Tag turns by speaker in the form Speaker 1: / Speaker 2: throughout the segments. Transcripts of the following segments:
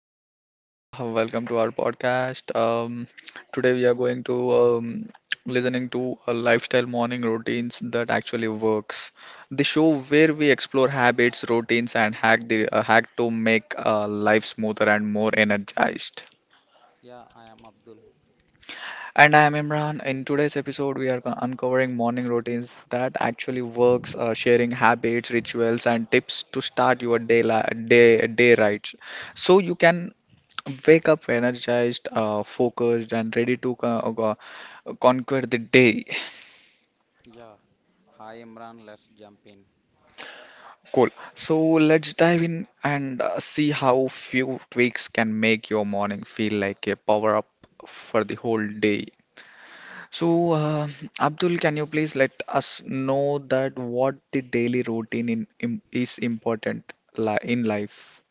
Speaker 1: guys, welcome to our podcast. Today we are going to listening to lifestyle morning routines that actually works. The show where we explore habits, routines, and hack the hack to make life smoother and more energized.
Speaker 2: Yeah, I am Abdul.
Speaker 1: And I am Imran. In today's episode, we are uncovering morning routines that actually works, sharing habits, rituals, and tips to start your day li day day right, so you can wake up energized, focused, and ready to conquer the day.
Speaker 2: Yeah. Hi Imran, let's jump in.
Speaker 1: Cool. So let's dive in and see how few tweaks can make your morning feel like a power up for the whole day. So, uh, Abdul, can you please let us know that what the daily routine in, im is important li in life?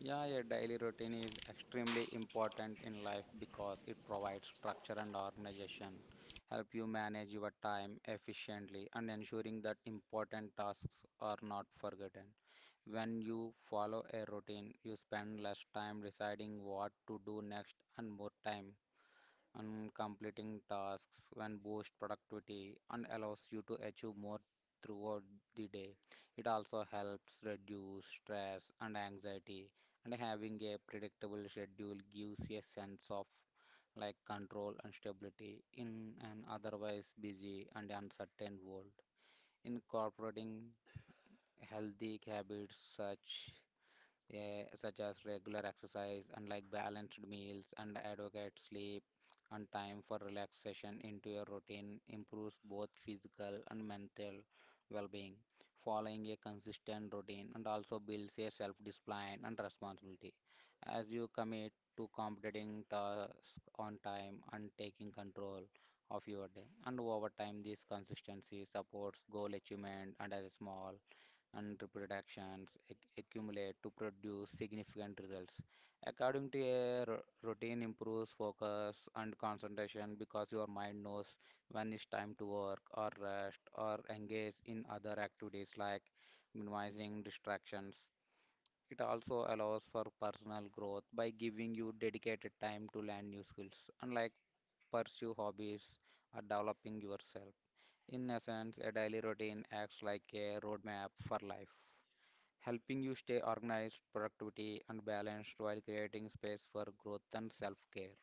Speaker 2: Yeah, a daily routine is extremely important in life because it provides structure and organization, help you manage your time efficiently and ensuring that important tasks are not forgotten. When you follow a routine, you spend less time deciding what to do next and more time and completing tasks when boost productivity and allows you to achieve more throughout the day. It also helps reduce stress and anxiety, and having a predictable schedule gives a sense of like control and stability in an otherwise busy and uncertain world. Incorporating healthy habits such such as regular exercise and like balanced meals and adequate sleep and time for relaxation into your routine improves both physical and mental well-being. Following a consistent routine and also builds a self-discipline and responsibility as you commit to completing tasks on time and taking control of your day. And over time, this consistency supports goal achievement and as a small and reproductions accumulate to produce significant results. According to a routine improves focus and concentration because your mind knows when it's time to work or rest or engage in other activities like minimizing distractions. It also allows for personal growth by giving you dedicated time to learn new skills, unlike pursue hobbies or developing yourself. In essence, a daily routine acts like a roadmap for life helping you stay organized, productivity, and balanced while creating space for growth and self care.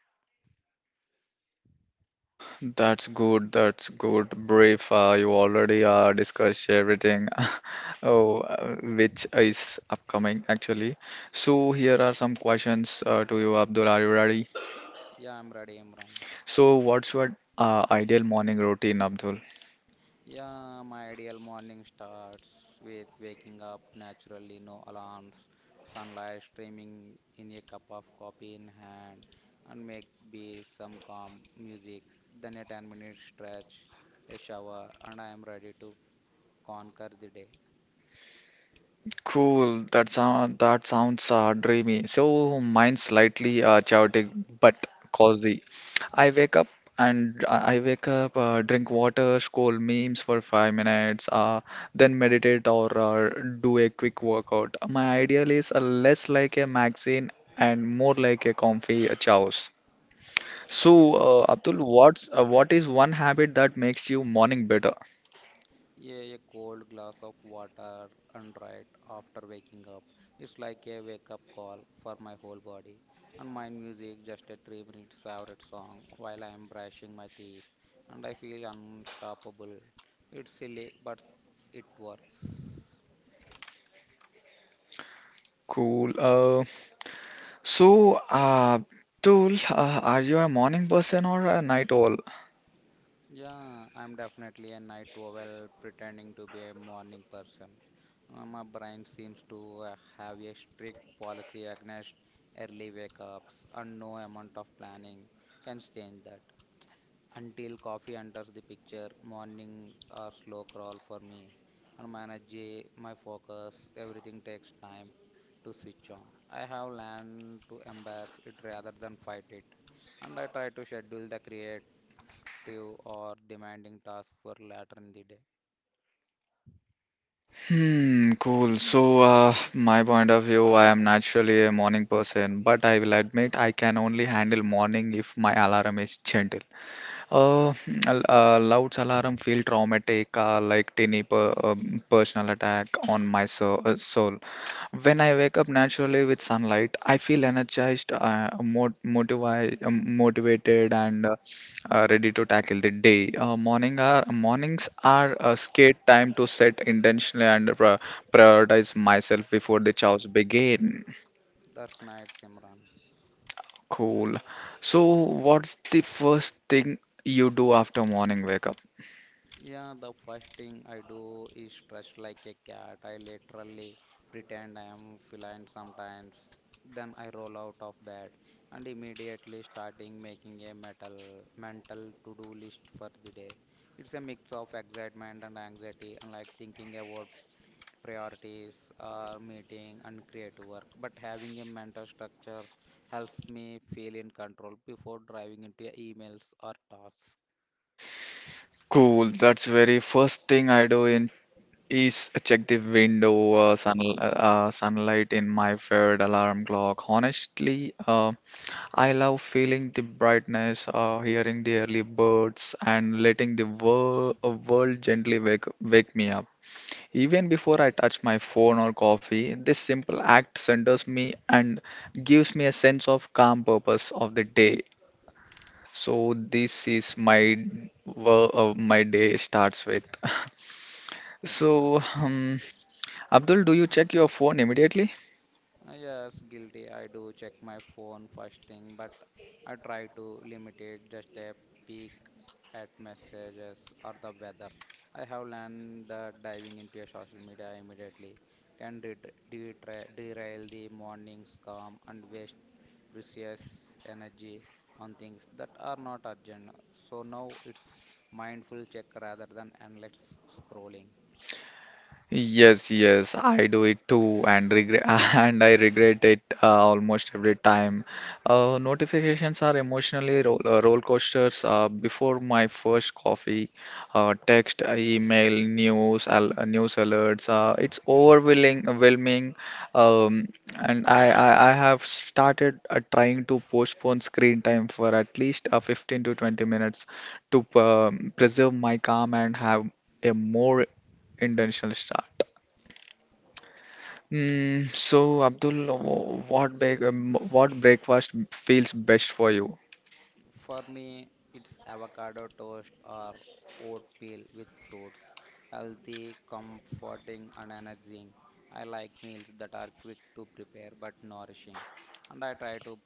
Speaker 1: That's good. That's good. Brief. You already discussed everything, oh, which is upcoming actually. So here are some questions to you, Abdul. Are you ready?
Speaker 2: Yeah, I'm ready, Imran.
Speaker 1: So what's your ideal morning routine, Abdul?
Speaker 2: Yeah, my ideal morning starts with waking up naturally, no alarms, sunlight streaming in a cup of coffee in hand, and make be some calm music, then a 10-minute stretch, a shower, and I am ready to conquer the day.
Speaker 1: Cool. That sounds dreamy. So mine's slightly chaotic but cozy. I wake up I wake up, drink water, scroll memes for 5 minutes, then meditate or do a quick workout. My ideal is less like a magazine and more like a comfy chows. So, Abdul, what is one habit that makes you morning better?
Speaker 2: Yeah, a cold glass of water and right after waking up. It's like a wake up call for my whole body. And my music, just a 3 minutes favorite song while I am brushing my teeth. And I feel unstoppable. It's silly, but it works.
Speaker 1: Cool. So, Abdul, are you a morning person or a night owl?
Speaker 2: Yeah, I'm definitely a night owl pretending to be a morning person. My brain seems to have a strict policy against early wake ups, and no amount of planning can change that. Until coffee enters the picture, morning are slow crawl for me, and my energy, my focus, everything takes time to switch on. I have learned to embrace it rather than fight it, and I try to schedule the create active or demanding tasks for later in the day.
Speaker 1: Hmm, cool. So, uh, my point of view, I am naturally a morning person, but I will admit I can only handle morning if my alarm is gentle. Uh, loud alarm feel traumatic, like tiny personal attack on my soul. When I wake up naturally with sunlight, I feel energized, motivated, and ready to tackle the day. Mornings are a scared time to set intentionally and prioritize myself before the chows begin.
Speaker 2: That's nice, Simran.
Speaker 1: Cool. So, what's the first thing you do after morning wake up?
Speaker 2: Yeah, the first thing I do is stretch like a cat. I literally pretend I am feline sometimes. Then I roll out of bed and immediately starting making a metal mental to-do list for the day. It's a mix of excitement and anxiety and like thinking about priorities or meeting and creative work. But having a mental structure helps me feel in control before driving into emails or tasks.
Speaker 1: Cool. That's very first thing I do in Is a check the window, sunlight in my favorite alarm clock. Honestly, I love feeling the brightness, hearing the early birds, and letting the world gently wake me up. Even before I touch my phone or coffee, this simple act centers me and gives me a sense of calm purpose of the day. So this is my my day starts with.
Speaker 2: That's
Speaker 1: So,
Speaker 2: nice.
Speaker 1: Abdul, do you check your phone immediately?
Speaker 2: Yes, guilty. I do check my phone first thing, but I try to limit it just a peek at messages or the weather. I have learned that diving into a social media immediately can derail the morning's calm and waste precious energy on things that are not urgent. So now it's mindful check rather than endless scrolling.
Speaker 1: Yes, yes, I do it too and regret and I regret it almost every time. Notifications are emotionally roller coasters before my first coffee, text, email, news alerts. It's overwhelming, overwhelming, um, and I have started trying to postpone screen time for at least 15 to 20 minutes to preserve my calm and have a more intentional start. Mm, so, Abdul, what breakfast feels best for you?
Speaker 2: For me, it's avocado toast or oat peel with fruits. Healthy, comforting, and energizing. I like meals that are quick to prepare but nourishing. And I try to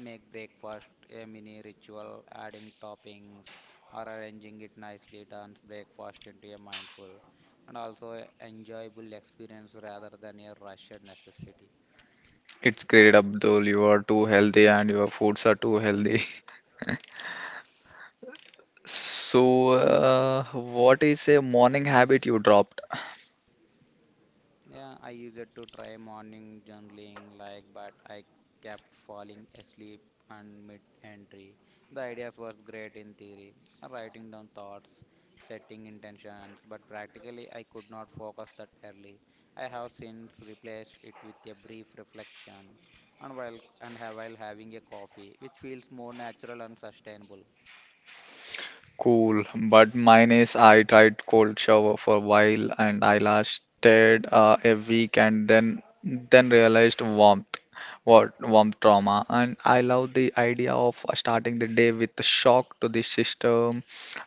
Speaker 2: make breakfast a mini ritual, adding toppings or arranging it nicely turns breakfast into a mindful and also enjoyable experience rather than a rushed necessity.
Speaker 1: It's great, Abdul. You are too healthy and your foods are too healthy. So, what is a morning habit you dropped?
Speaker 2: Yeah, I used to try morning journaling, like, but I kept falling asleep and mid-entry. The ideas was great in theory, writing down thoughts, setting intentions, but practically I could not focus that early. I have since replaced it with a brief reflection, and while and have while having a coffee, which feels more natural and sustainable.
Speaker 1: Cool, but mine is I tried cold shower for a while and I lasted a week and then realized warmth, what warmth trauma. And I love the idea of starting the day with a shock to the system.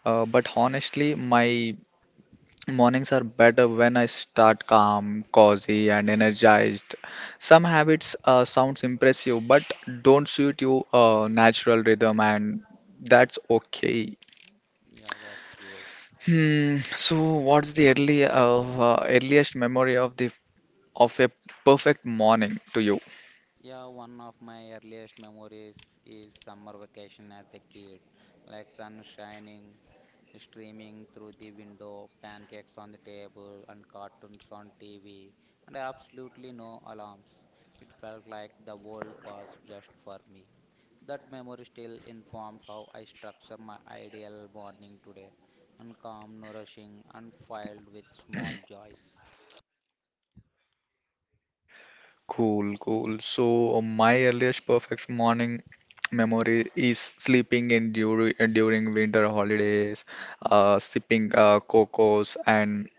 Speaker 1: But honestly, my mornings are better when I start calm, cozy, and energized. Some habits sounds impressive, but don't suit your natural rhythm, and that's okay.
Speaker 2: Yeah, that's good.
Speaker 1: Hmm, so what's the early of earliest memory of the of a perfect morning to you?
Speaker 2: Yeah, one of my earliest memories is summer vacation as a kid, like sun shining, streaming through the window, pancakes on the table, and cartoons on TV, and absolutely no alarms. It felt like the world paused just for me. That memory still informs how I structure my ideal morning today, and calm, nourishing, and filled with small joys.
Speaker 1: Cool, cool. So my earliest perfect morning memory is sleeping in during winter holidays, sipping cocos and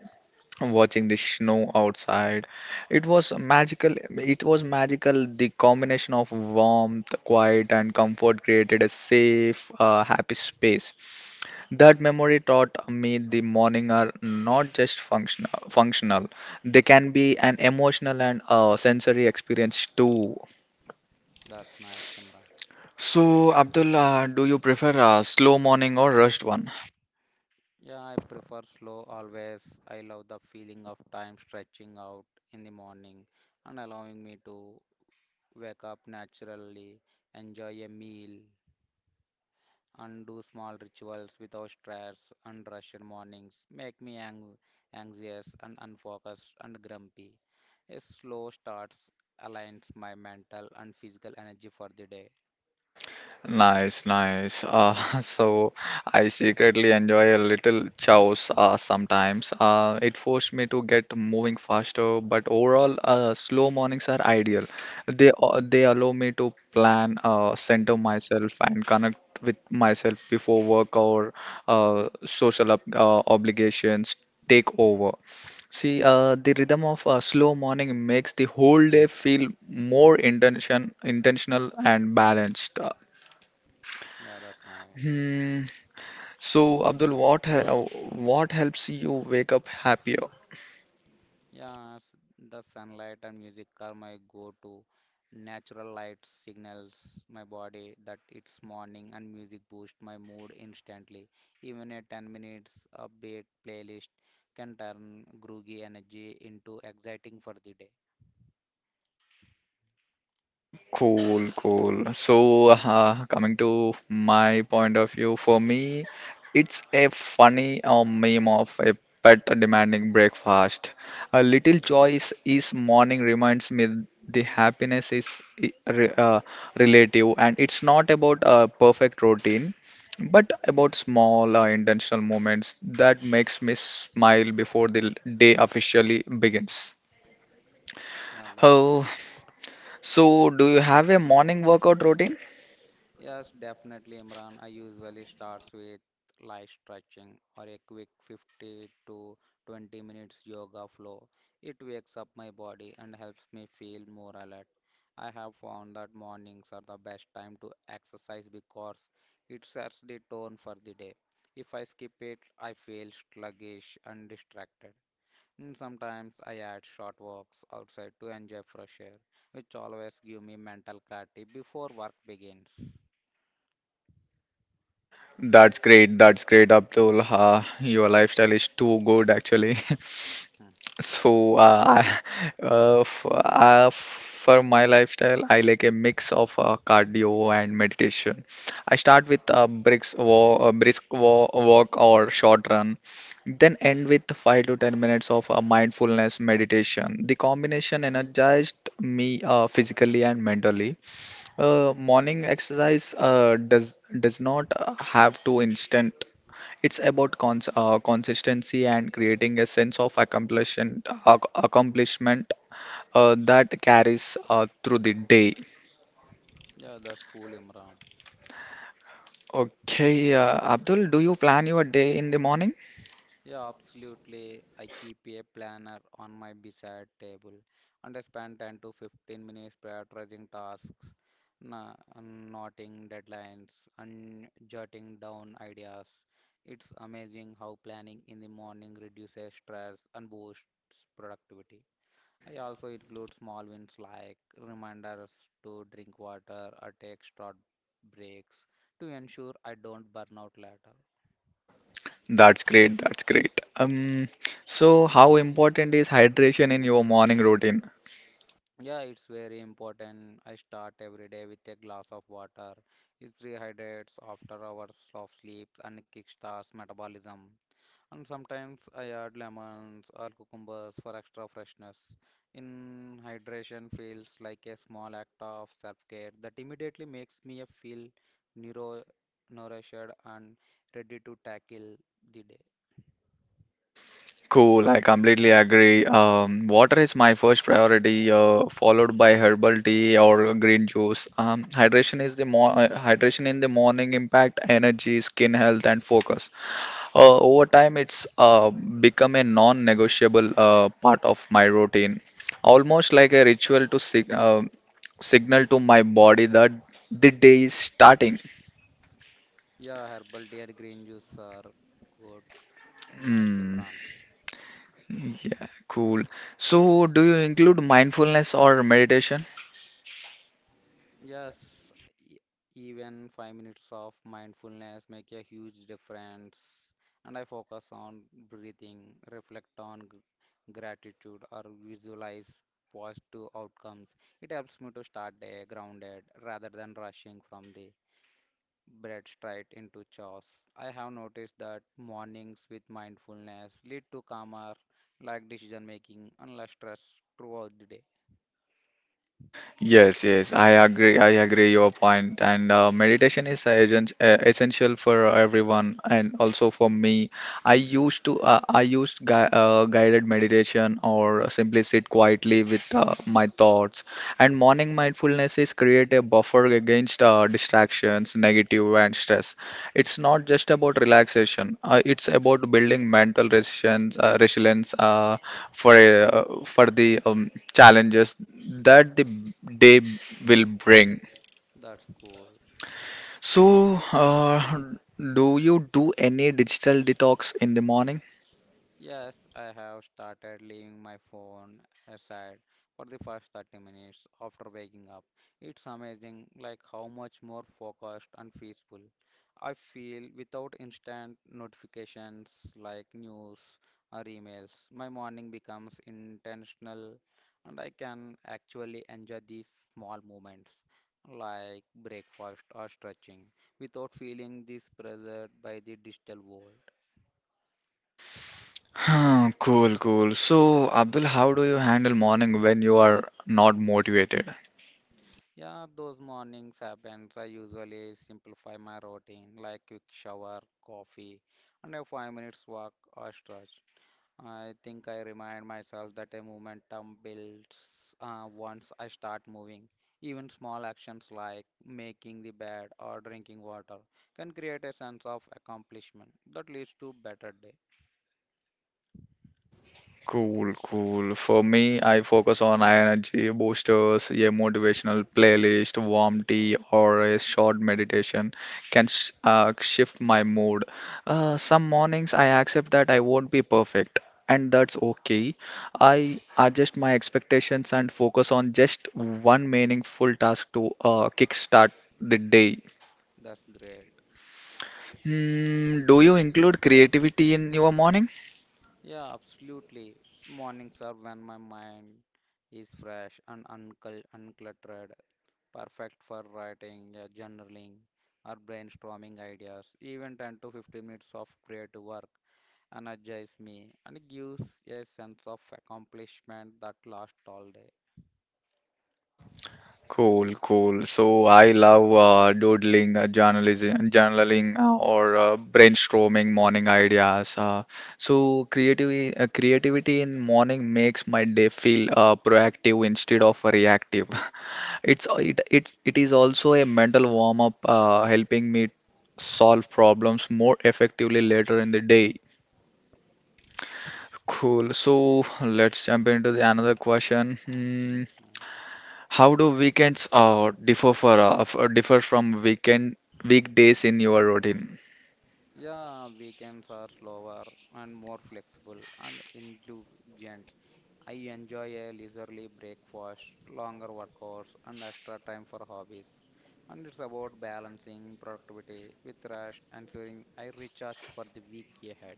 Speaker 1: watching the snow outside. It was magical. It was magical. The combination of warmth, quiet, and comfort created a safe, happy space. That memory taught me the morning are not just functional. They can be an emotional and sensory experience too.
Speaker 2: That's nice, Simran.
Speaker 1: So, Abdul, do you prefer a slow morning or rushed one?
Speaker 2: Yeah, I prefer slow always. I love the feeling of time stretching out in the morning and allowing me to wake up naturally, enjoy a meal, and do small rituals without stress and rushed mornings make me ang anxious and unfocused and grumpy. A slow starts aligns my mental and physical energy for the day.
Speaker 1: Nice, nice. So I secretly enjoy a little chaos sometimes. It forced me to get moving faster, but overall, slow mornings are ideal. They allow me to plan, center myself, and connect with myself before work or social ob obligations take over. See, the rhythm of a slow morning makes the whole day feel more intentional and balanced.
Speaker 2: Yeah, that's nice.
Speaker 1: Hmm. So, Abdul, what helps you wake up happier?
Speaker 2: Yes, the sunlight and music are my go-to natural light signals my body that it's morning and music boosts my mood instantly. Even a 10 minutes upbeat playlist can turn groggy energy into exciting for the day.
Speaker 1: Cool, cool. So, coming to my point of view, for me, it's a funny meme of a pet demanding breakfast. A little joy is morning reminds me the happiness is relative, and it's not about a perfect routine, but about small intentional moments that makes me smile before the day officially begins.
Speaker 2: Yeah, that's good.
Speaker 1: Oh, so do you have a morning workout routine?
Speaker 2: Yes, definitely, Imran. I usually starts with light stretching or a quick 50 to 20 minutes yoga flow. It wakes up my body and helps me feel more alert. I have found that mornings are the best time to exercise because it sets the tone for the day. If I skip it, I feel sluggish and distracted. And sometimes I add short walks outside to enjoy fresh air, which always give me mental clarity before work begins.
Speaker 1: That's great. That's great, Abdul. Your lifestyle is too good, actually. So, I- f for my lifestyle, I like a mix of cardio and meditation. I start with a brisk walk, a walk or short run, then end with 5 to 10 minutes of mindfulness meditation. The combination energized me physically and mentally. Morning exercise does not have to instant. It's about consistency and creating a sense of accomplishment that carries through the day.
Speaker 2: Yeah, that's cool, Imran.
Speaker 1: Okay, Abdul, do you plan your day in the morning?
Speaker 2: Yeah, absolutely. I keep a planner on my bedside table and I spend 10 to 15 minutes prioritizing tasks, na- noting deadlines, and jotting down ideas. It's amazing how planning in the morning reduces stress and boosts productivity. I also include small wins like reminders to drink water or take short breaks to ensure I don't burn out later.
Speaker 1: That's great. That's great. So how important is hydration in your morning routine?
Speaker 2: Yeah, it's very important. I start every day with a glass of water. It rehydrates after hours of sleep and kickstarts metabolism. And sometimes I add lemons or cucumbers for extra freshness. In hydration feels like a small act of self-care that immediately makes me feel neuro nourished and ready to tackle the day.
Speaker 1: Cool, I completely agree. Water is my first priority, followed by herbal tea or green juice. Hydration in the morning impact energy, skin health, and focus. Over time, it's become a non-negotiable part of my routine, almost like a ritual to signal to my body that the day is starting.
Speaker 2: Yeah, herbal tea and green juice are good. Nice,
Speaker 1: Hmm.
Speaker 2: Imran.
Speaker 1: Yeah, cool. So, do you include mindfulness or meditation?
Speaker 2: Yes, e- even 5 minutes of mindfulness make a huge difference. And I focus on breathing, reflect on gratitude, or visualize positive outcomes. It helps me to start day grounded rather than rushing from the bread straight into chores. I have noticed that mornings with mindfulness lead to calmer, like decision making and less stress throughout the day.
Speaker 1: Yes, yes, I agree. I agree your point. And meditation is agent, essential for everyone, and also for me. I used guided meditation or simply sit quietly with my thoughts. And morning mindfulness is create a buffer against distractions, negative, and stress. It's not just about relaxation. It's about building mental resilience, resilience for the challenges that the day will bring.
Speaker 2: That's cool.
Speaker 1: So, do you do any digital detox in the morning?
Speaker 2: Yes, I have started leaving my phone aside for the first 30 minutes after waking up. It's amazing like how much more focused and peaceful I feel without instant notifications like news or emails. My morning becomes intentional and I can actually enjoy these small moments like breakfast or stretching without feeling this pressure by the digital world.
Speaker 1: Hmm, cool, cool. So, Abdul, how do you handle morning when you are not motivated?
Speaker 2: Yeah, those mornings happens. I usually simplify my routine like quick shower, coffee, and a 5 minutes walk or stretch. I think I remind myself that a momentum builds once I start moving. Even small actions like making the bed or drinking water can create a sense of accomplishment that leads to better day.
Speaker 1: Cool, cool. For me, I focus on energy boosters, a motivational playlist, warm tea, or a short meditation can sh shift my mood. Some mornings I accept that I won't be perfect, and that's okay. I adjust my expectations and focus on just one meaningful task to kickstart the day.
Speaker 2: That's great.
Speaker 1: Hmm, do you include creativity in your morning?
Speaker 2: Yeah, absolutely. Mornings are when my mind is fresh and uncluttered. Perfect for writing, yeah, journaling, or brainstorming ideas. Even 10 to 15 minutes of creative work energize me and gives a sense of accomplishment that lasts all day.
Speaker 1: Cool, cool. So I love doodling, journaling, or brainstorming morning ideas. So creativity in morning makes my day feel proactive instead of reactive. It it is also a mental warm up, helping me solve problems more effectively later in the day. Cool. So let's jump into the another question. Hmm,
Speaker 2: Yes.
Speaker 1: How do weekends differ for f- differ from weekend weekdays in your routine?
Speaker 2: Yeah, weekends are slower and more flexible and indulgent. I enjoy a leisurely breakfast, longer workouts, and extra time for hobbies. And it's about balancing productivity with rest, ensuring I recharge for the week ahead.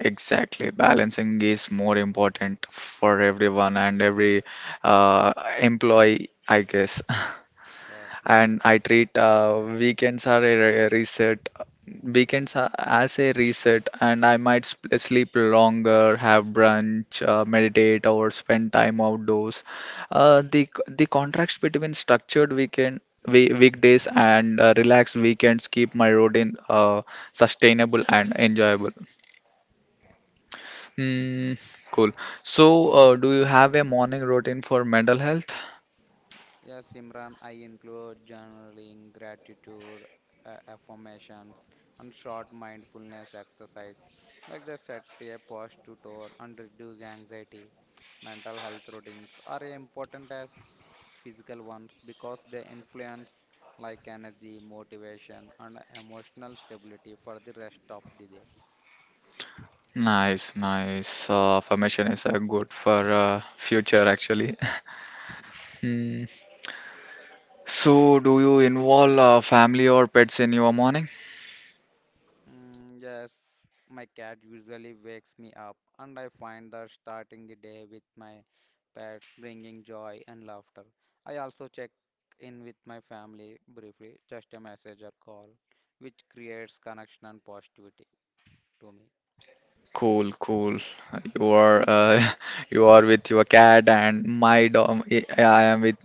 Speaker 1: Exactly. Balancing is more important for everyone and every uh, employee, I guess.
Speaker 2: Yes, that,
Speaker 1: and I treat weekends are a re- reset. Weekends are as a reset, and I might sleep longer, have brunch, meditate, or spend time outdoors. The contrast between structured weekdays and relaxed weekends keep my routine sustainable and enjoyable. Mm, cool. So, do you have a morning routine for mental health?
Speaker 2: yes, Imran, I include journaling, gratitude, affirmations, and short mindfulness exercise, like the set a posture tone and reduce anxiety. Mental health routines are important as physical ones because they influence like energy, motivation, and emotional stability for the rest of the day.
Speaker 1: Nice, nice. Affirmation is good for future actually. Hmm. So, do you involve family or pets in your morning?
Speaker 2: Mm, yes, my cat usually wakes me up, and I find that starting the day with my pets bringing joy and laughter. I also check in with my family briefly, just a message or call, which creates connection and positivity to me.
Speaker 1: Cool, cool. You are you are with your cat and my dog. Yeah, I am with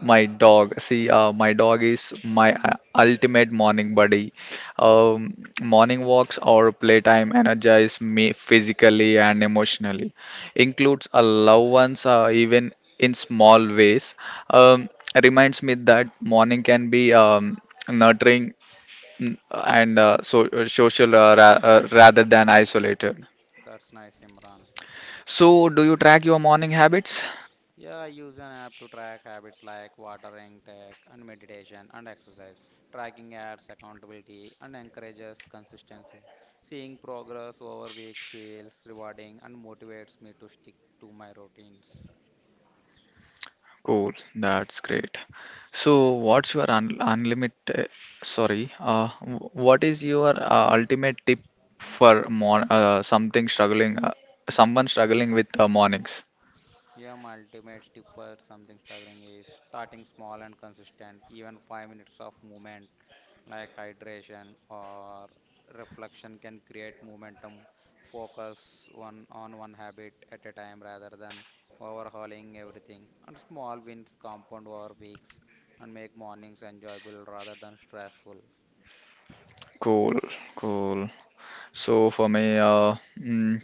Speaker 1: my dog. See, my dog is my ultimate morning buddy. Morning walks or playtime energize me physically and emotionally. Includes a loved ones, even in small ways. Um, reminds me that morning can be nurturing social ra rather than isolated.
Speaker 2: That's nice, Imran.
Speaker 1: So, do you track your morning habits?
Speaker 2: Yeah, I use an app to track habits like water intake and meditation and exercise. Tracking adds accountability and encourages consistency. Seeing progress over weeks feels rewarding and motivates me to stick to my routines.
Speaker 1: Cool, that's great. So, what's your un unlimited, sorry, w- what is your ultimate tip for someone struggling with mornings?
Speaker 2: Yeah, my ultimate tip for something struggling is starting small and consistent, even 5 minutes of movement like hydration or reflection can create momentum focus one on one habit at a time rather than overhauling everything and small wins compound over weeks and make mornings enjoyable rather than stressful.
Speaker 1: Cool, cool. So, for me,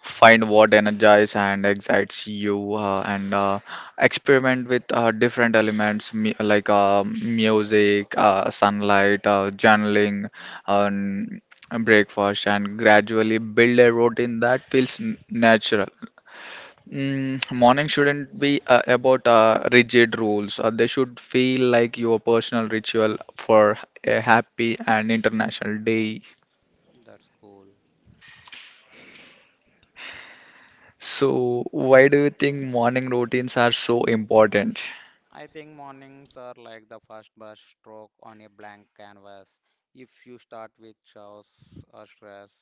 Speaker 1: find what energizes and excites you and experiment with different elements like music sunlight journaling um, breakfast and gradually build a routine that feels natural. Mm, morning shouldn't be about rigid rules. They should feel like your personal ritual for a happy and international day.
Speaker 2: That's cool.
Speaker 1: So, why do you think morning routines are so important?
Speaker 2: I think mornings are like the first brush stroke on a blank canvas. If you start with chaos or stress,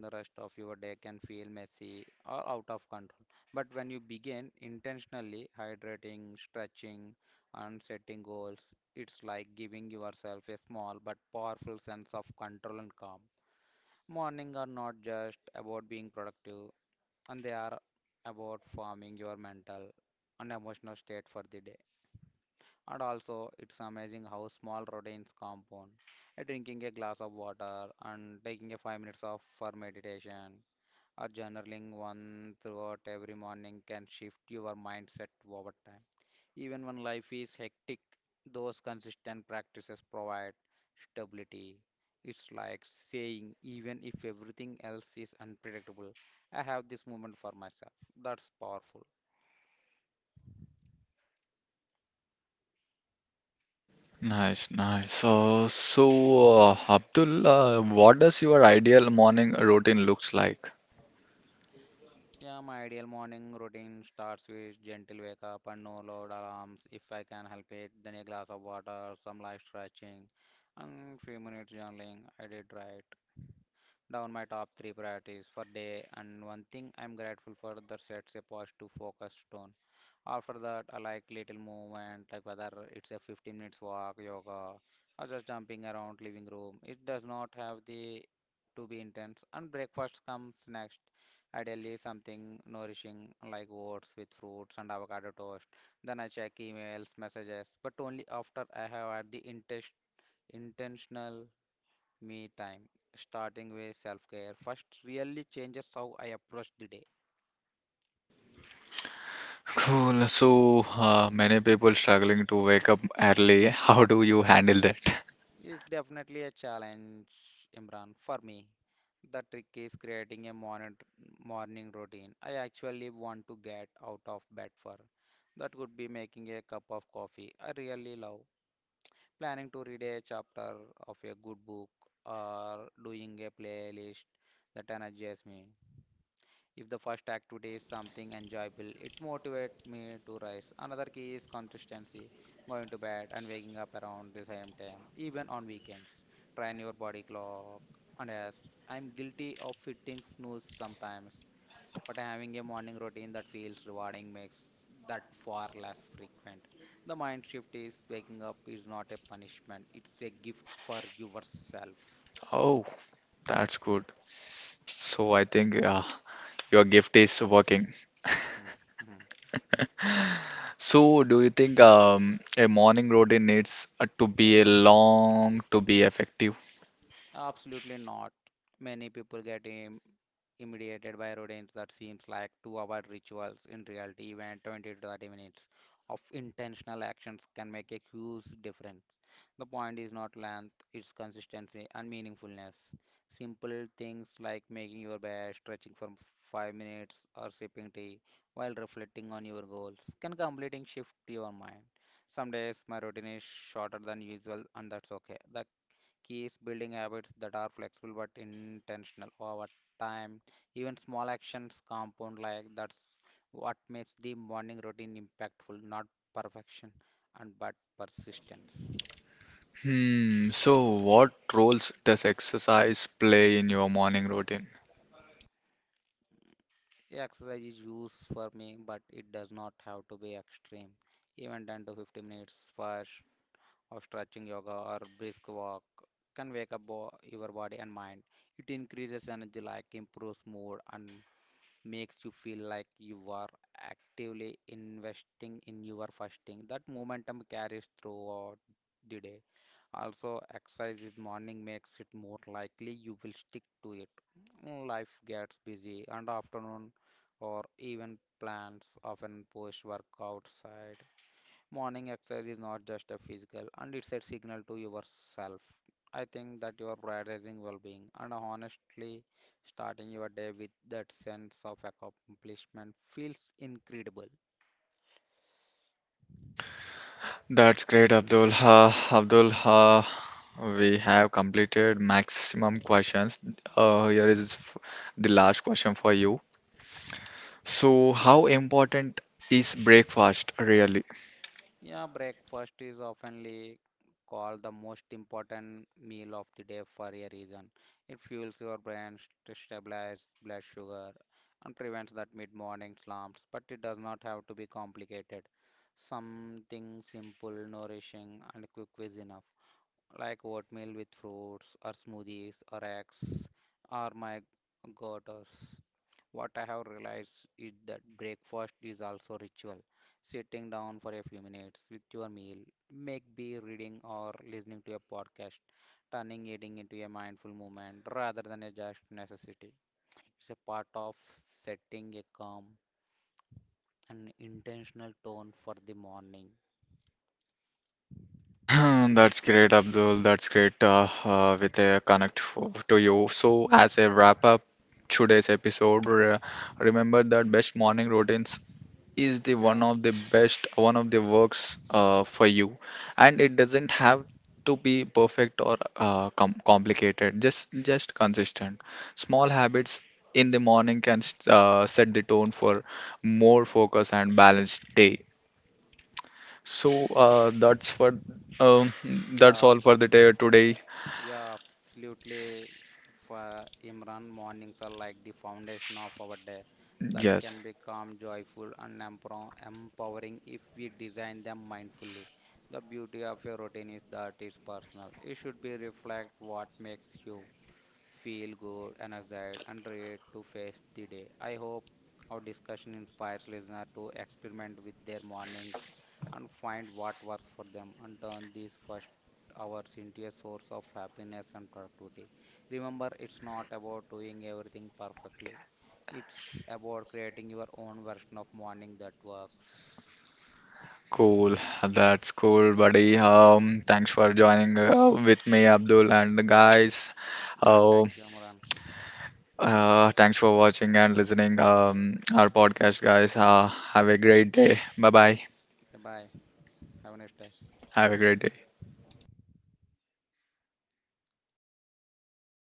Speaker 2: the rest of your day can feel messy or out of control. But when you begin intentionally hydrating, stretching, and setting goals, it's like giving yourself a small but powerful sense of control and calm. Mornings are not just about being productive, and they are about forming your mental and emotional state for the day. And also, it's amazing how small routines compound. Drinking a glass of water and taking a 5 minutes off for meditation or journaling one throughout every morning can shift your mindset over time. Even when life is hectic, those consistent practices provide stability. It's like saying, even if everything else is unpredictable, I have this moment for myself. That's powerful.
Speaker 1: Nice, nice. So, Abdul, what does your ideal morning routine looks like?
Speaker 2: Yeah, my ideal morning routine starts with gentle wake up and no loud alarms if I can help it. Then a glass of water, some light stretching, and few minutes journaling. I did right down my top three priorities for day and one thing I'm grateful for that sets a positive focus tone. After that, I like little movement, like whether it's a 15 minutes walk, yoga, or just jumping around living room. It does not have the to be intense. And breakfast comes next. Ideally, something nourishing like oats with fruits and avocado toast. Then I check emails, messages, but only after I have had the intes intentional me time, starting with self care, first really changes how I approach the day.
Speaker 1: Cool. So, many people struggling to wake up early. How do you handle that?
Speaker 2: It's definitely a challenge, Imran, for me. The trick is creating a morning routine I actually want to get out of bed for. That could be making a cup of coffee I really love, planning to read a chapter of a good book, or doing a playlist that energizes me. If the first activity is something enjoyable, it motivates me to rise. Another key is consistency, going to bed and waking up around the same time, even on weekends. Train your body clock. And yes, I'm guilty of hitting snooze sometimes, but having a morning routine that feels rewarding makes that far less frequent. The mind shift is waking up is not a punishment, it's a gift for yourself.
Speaker 1: Oh, that's good. So, I think your gift is working.
Speaker 2: Mhm.
Speaker 1: So, do you think a morning routine needs to be a long to be effective?
Speaker 2: Absolutely not. Many people get im mediated by rodents that seems like two-hour rituals. In reality, even 20 to 30 minutes of intentional actions can make a huge difference. The point is not length, it's consistency and meaningfulness. Simple things like making your bed, stretching for 5 minutes, or sipping tea while reflecting on your goals can completely shift your mind. Some days my routine is shorter than usual, and that's okay. The keys building habits that are flexible but intentional over time. Even small actions compound like that's what makes the morning routine impactful, not perfection and but persistence.
Speaker 1: Hmm. So, what roles does exercise play in your morning routine?
Speaker 2: Exercise is used for me, but it does not have to be extreme. Even 10 to 15 minutes first of stretching yoga or brisk walk can wake up your body and mind. It increases energy like improves mood and makes you feel like you are actively investing in your fasting. That momentum carries throughout the day. Also, exercise in morning makes it more likely you will stick to it. Mm, life gets busy, and afternoon or even plans often push work outside. Morning exercise is not just a physical and it's a signal to yourself. I think that you are prioritizing well being and honestly starting your day with that sense of accomplishment feels incredible.
Speaker 1: That's great, Abdul. Abdul, we have completed maximum questions. Here is the last question for you. So, how important is breakfast really?
Speaker 2: Yeah, breakfast is oftenly called the most important meal of the day for a reason. It fuels your brain, stabilizes blood sugar, and prevents that mid-morning slumps. But it does not have to be complicated. Something simple, nourishing, and quick is enough, like oatmeal with fruits, or smoothies, or eggs, or my goaters. What I have realized is that breakfast is also ritual. Sitting down for a few minutes with your meal, make be reading or listening to a podcast, turning eating into a mindful moment rather than a just necessity. It's a part of setting a calm and intentional tone for the morning.
Speaker 1: Hmm, that's great, Abdul. That's great with a connect for, to you. So, as a wrap up today's episode, remember that best morning routines is the one
Speaker 2: Yeah,
Speaker 1: of the best, one of the works for you, and it doesn't have to be perfect or complicated. Just consistent. Small habits in the morning can set the tone for more focus and balanced day. So uh, that's for um, that's
Speaker 2: yeah,
Speaker 1: all for the day today.
Speaker 2: Yeah, absolutely. For Imran, mornings are like the foundation of our day that
Speaker 1: Yes.
Speaker 2: can be calm, joyful, and empowering if we design them mindfully. The beauty of a routine is that it's personal. It should be reflect what makes you feel good, energized, and ready to face the day. I hope our discussion inspires listeners to experiment with their mornings and find what works for them and turn these first hours into a source of happiness and productivity. Remember, it's not about doing everything perfectly. It's about creating your own version of morning that works.
Speaker 1: Cool, that's cool, buddy. Thanks for joining with me, Abdul, and the guys.
Speaker 2: Yeah,
Speaker 1: Um,
Speaker 2: thank you, Amran.
Speaker 1: Thanks for watching and listening our podcast, guys. Have a great day. Bye bye.
Speaker 2: Bye. Have a nice day.
Speaker 1: Have a great day.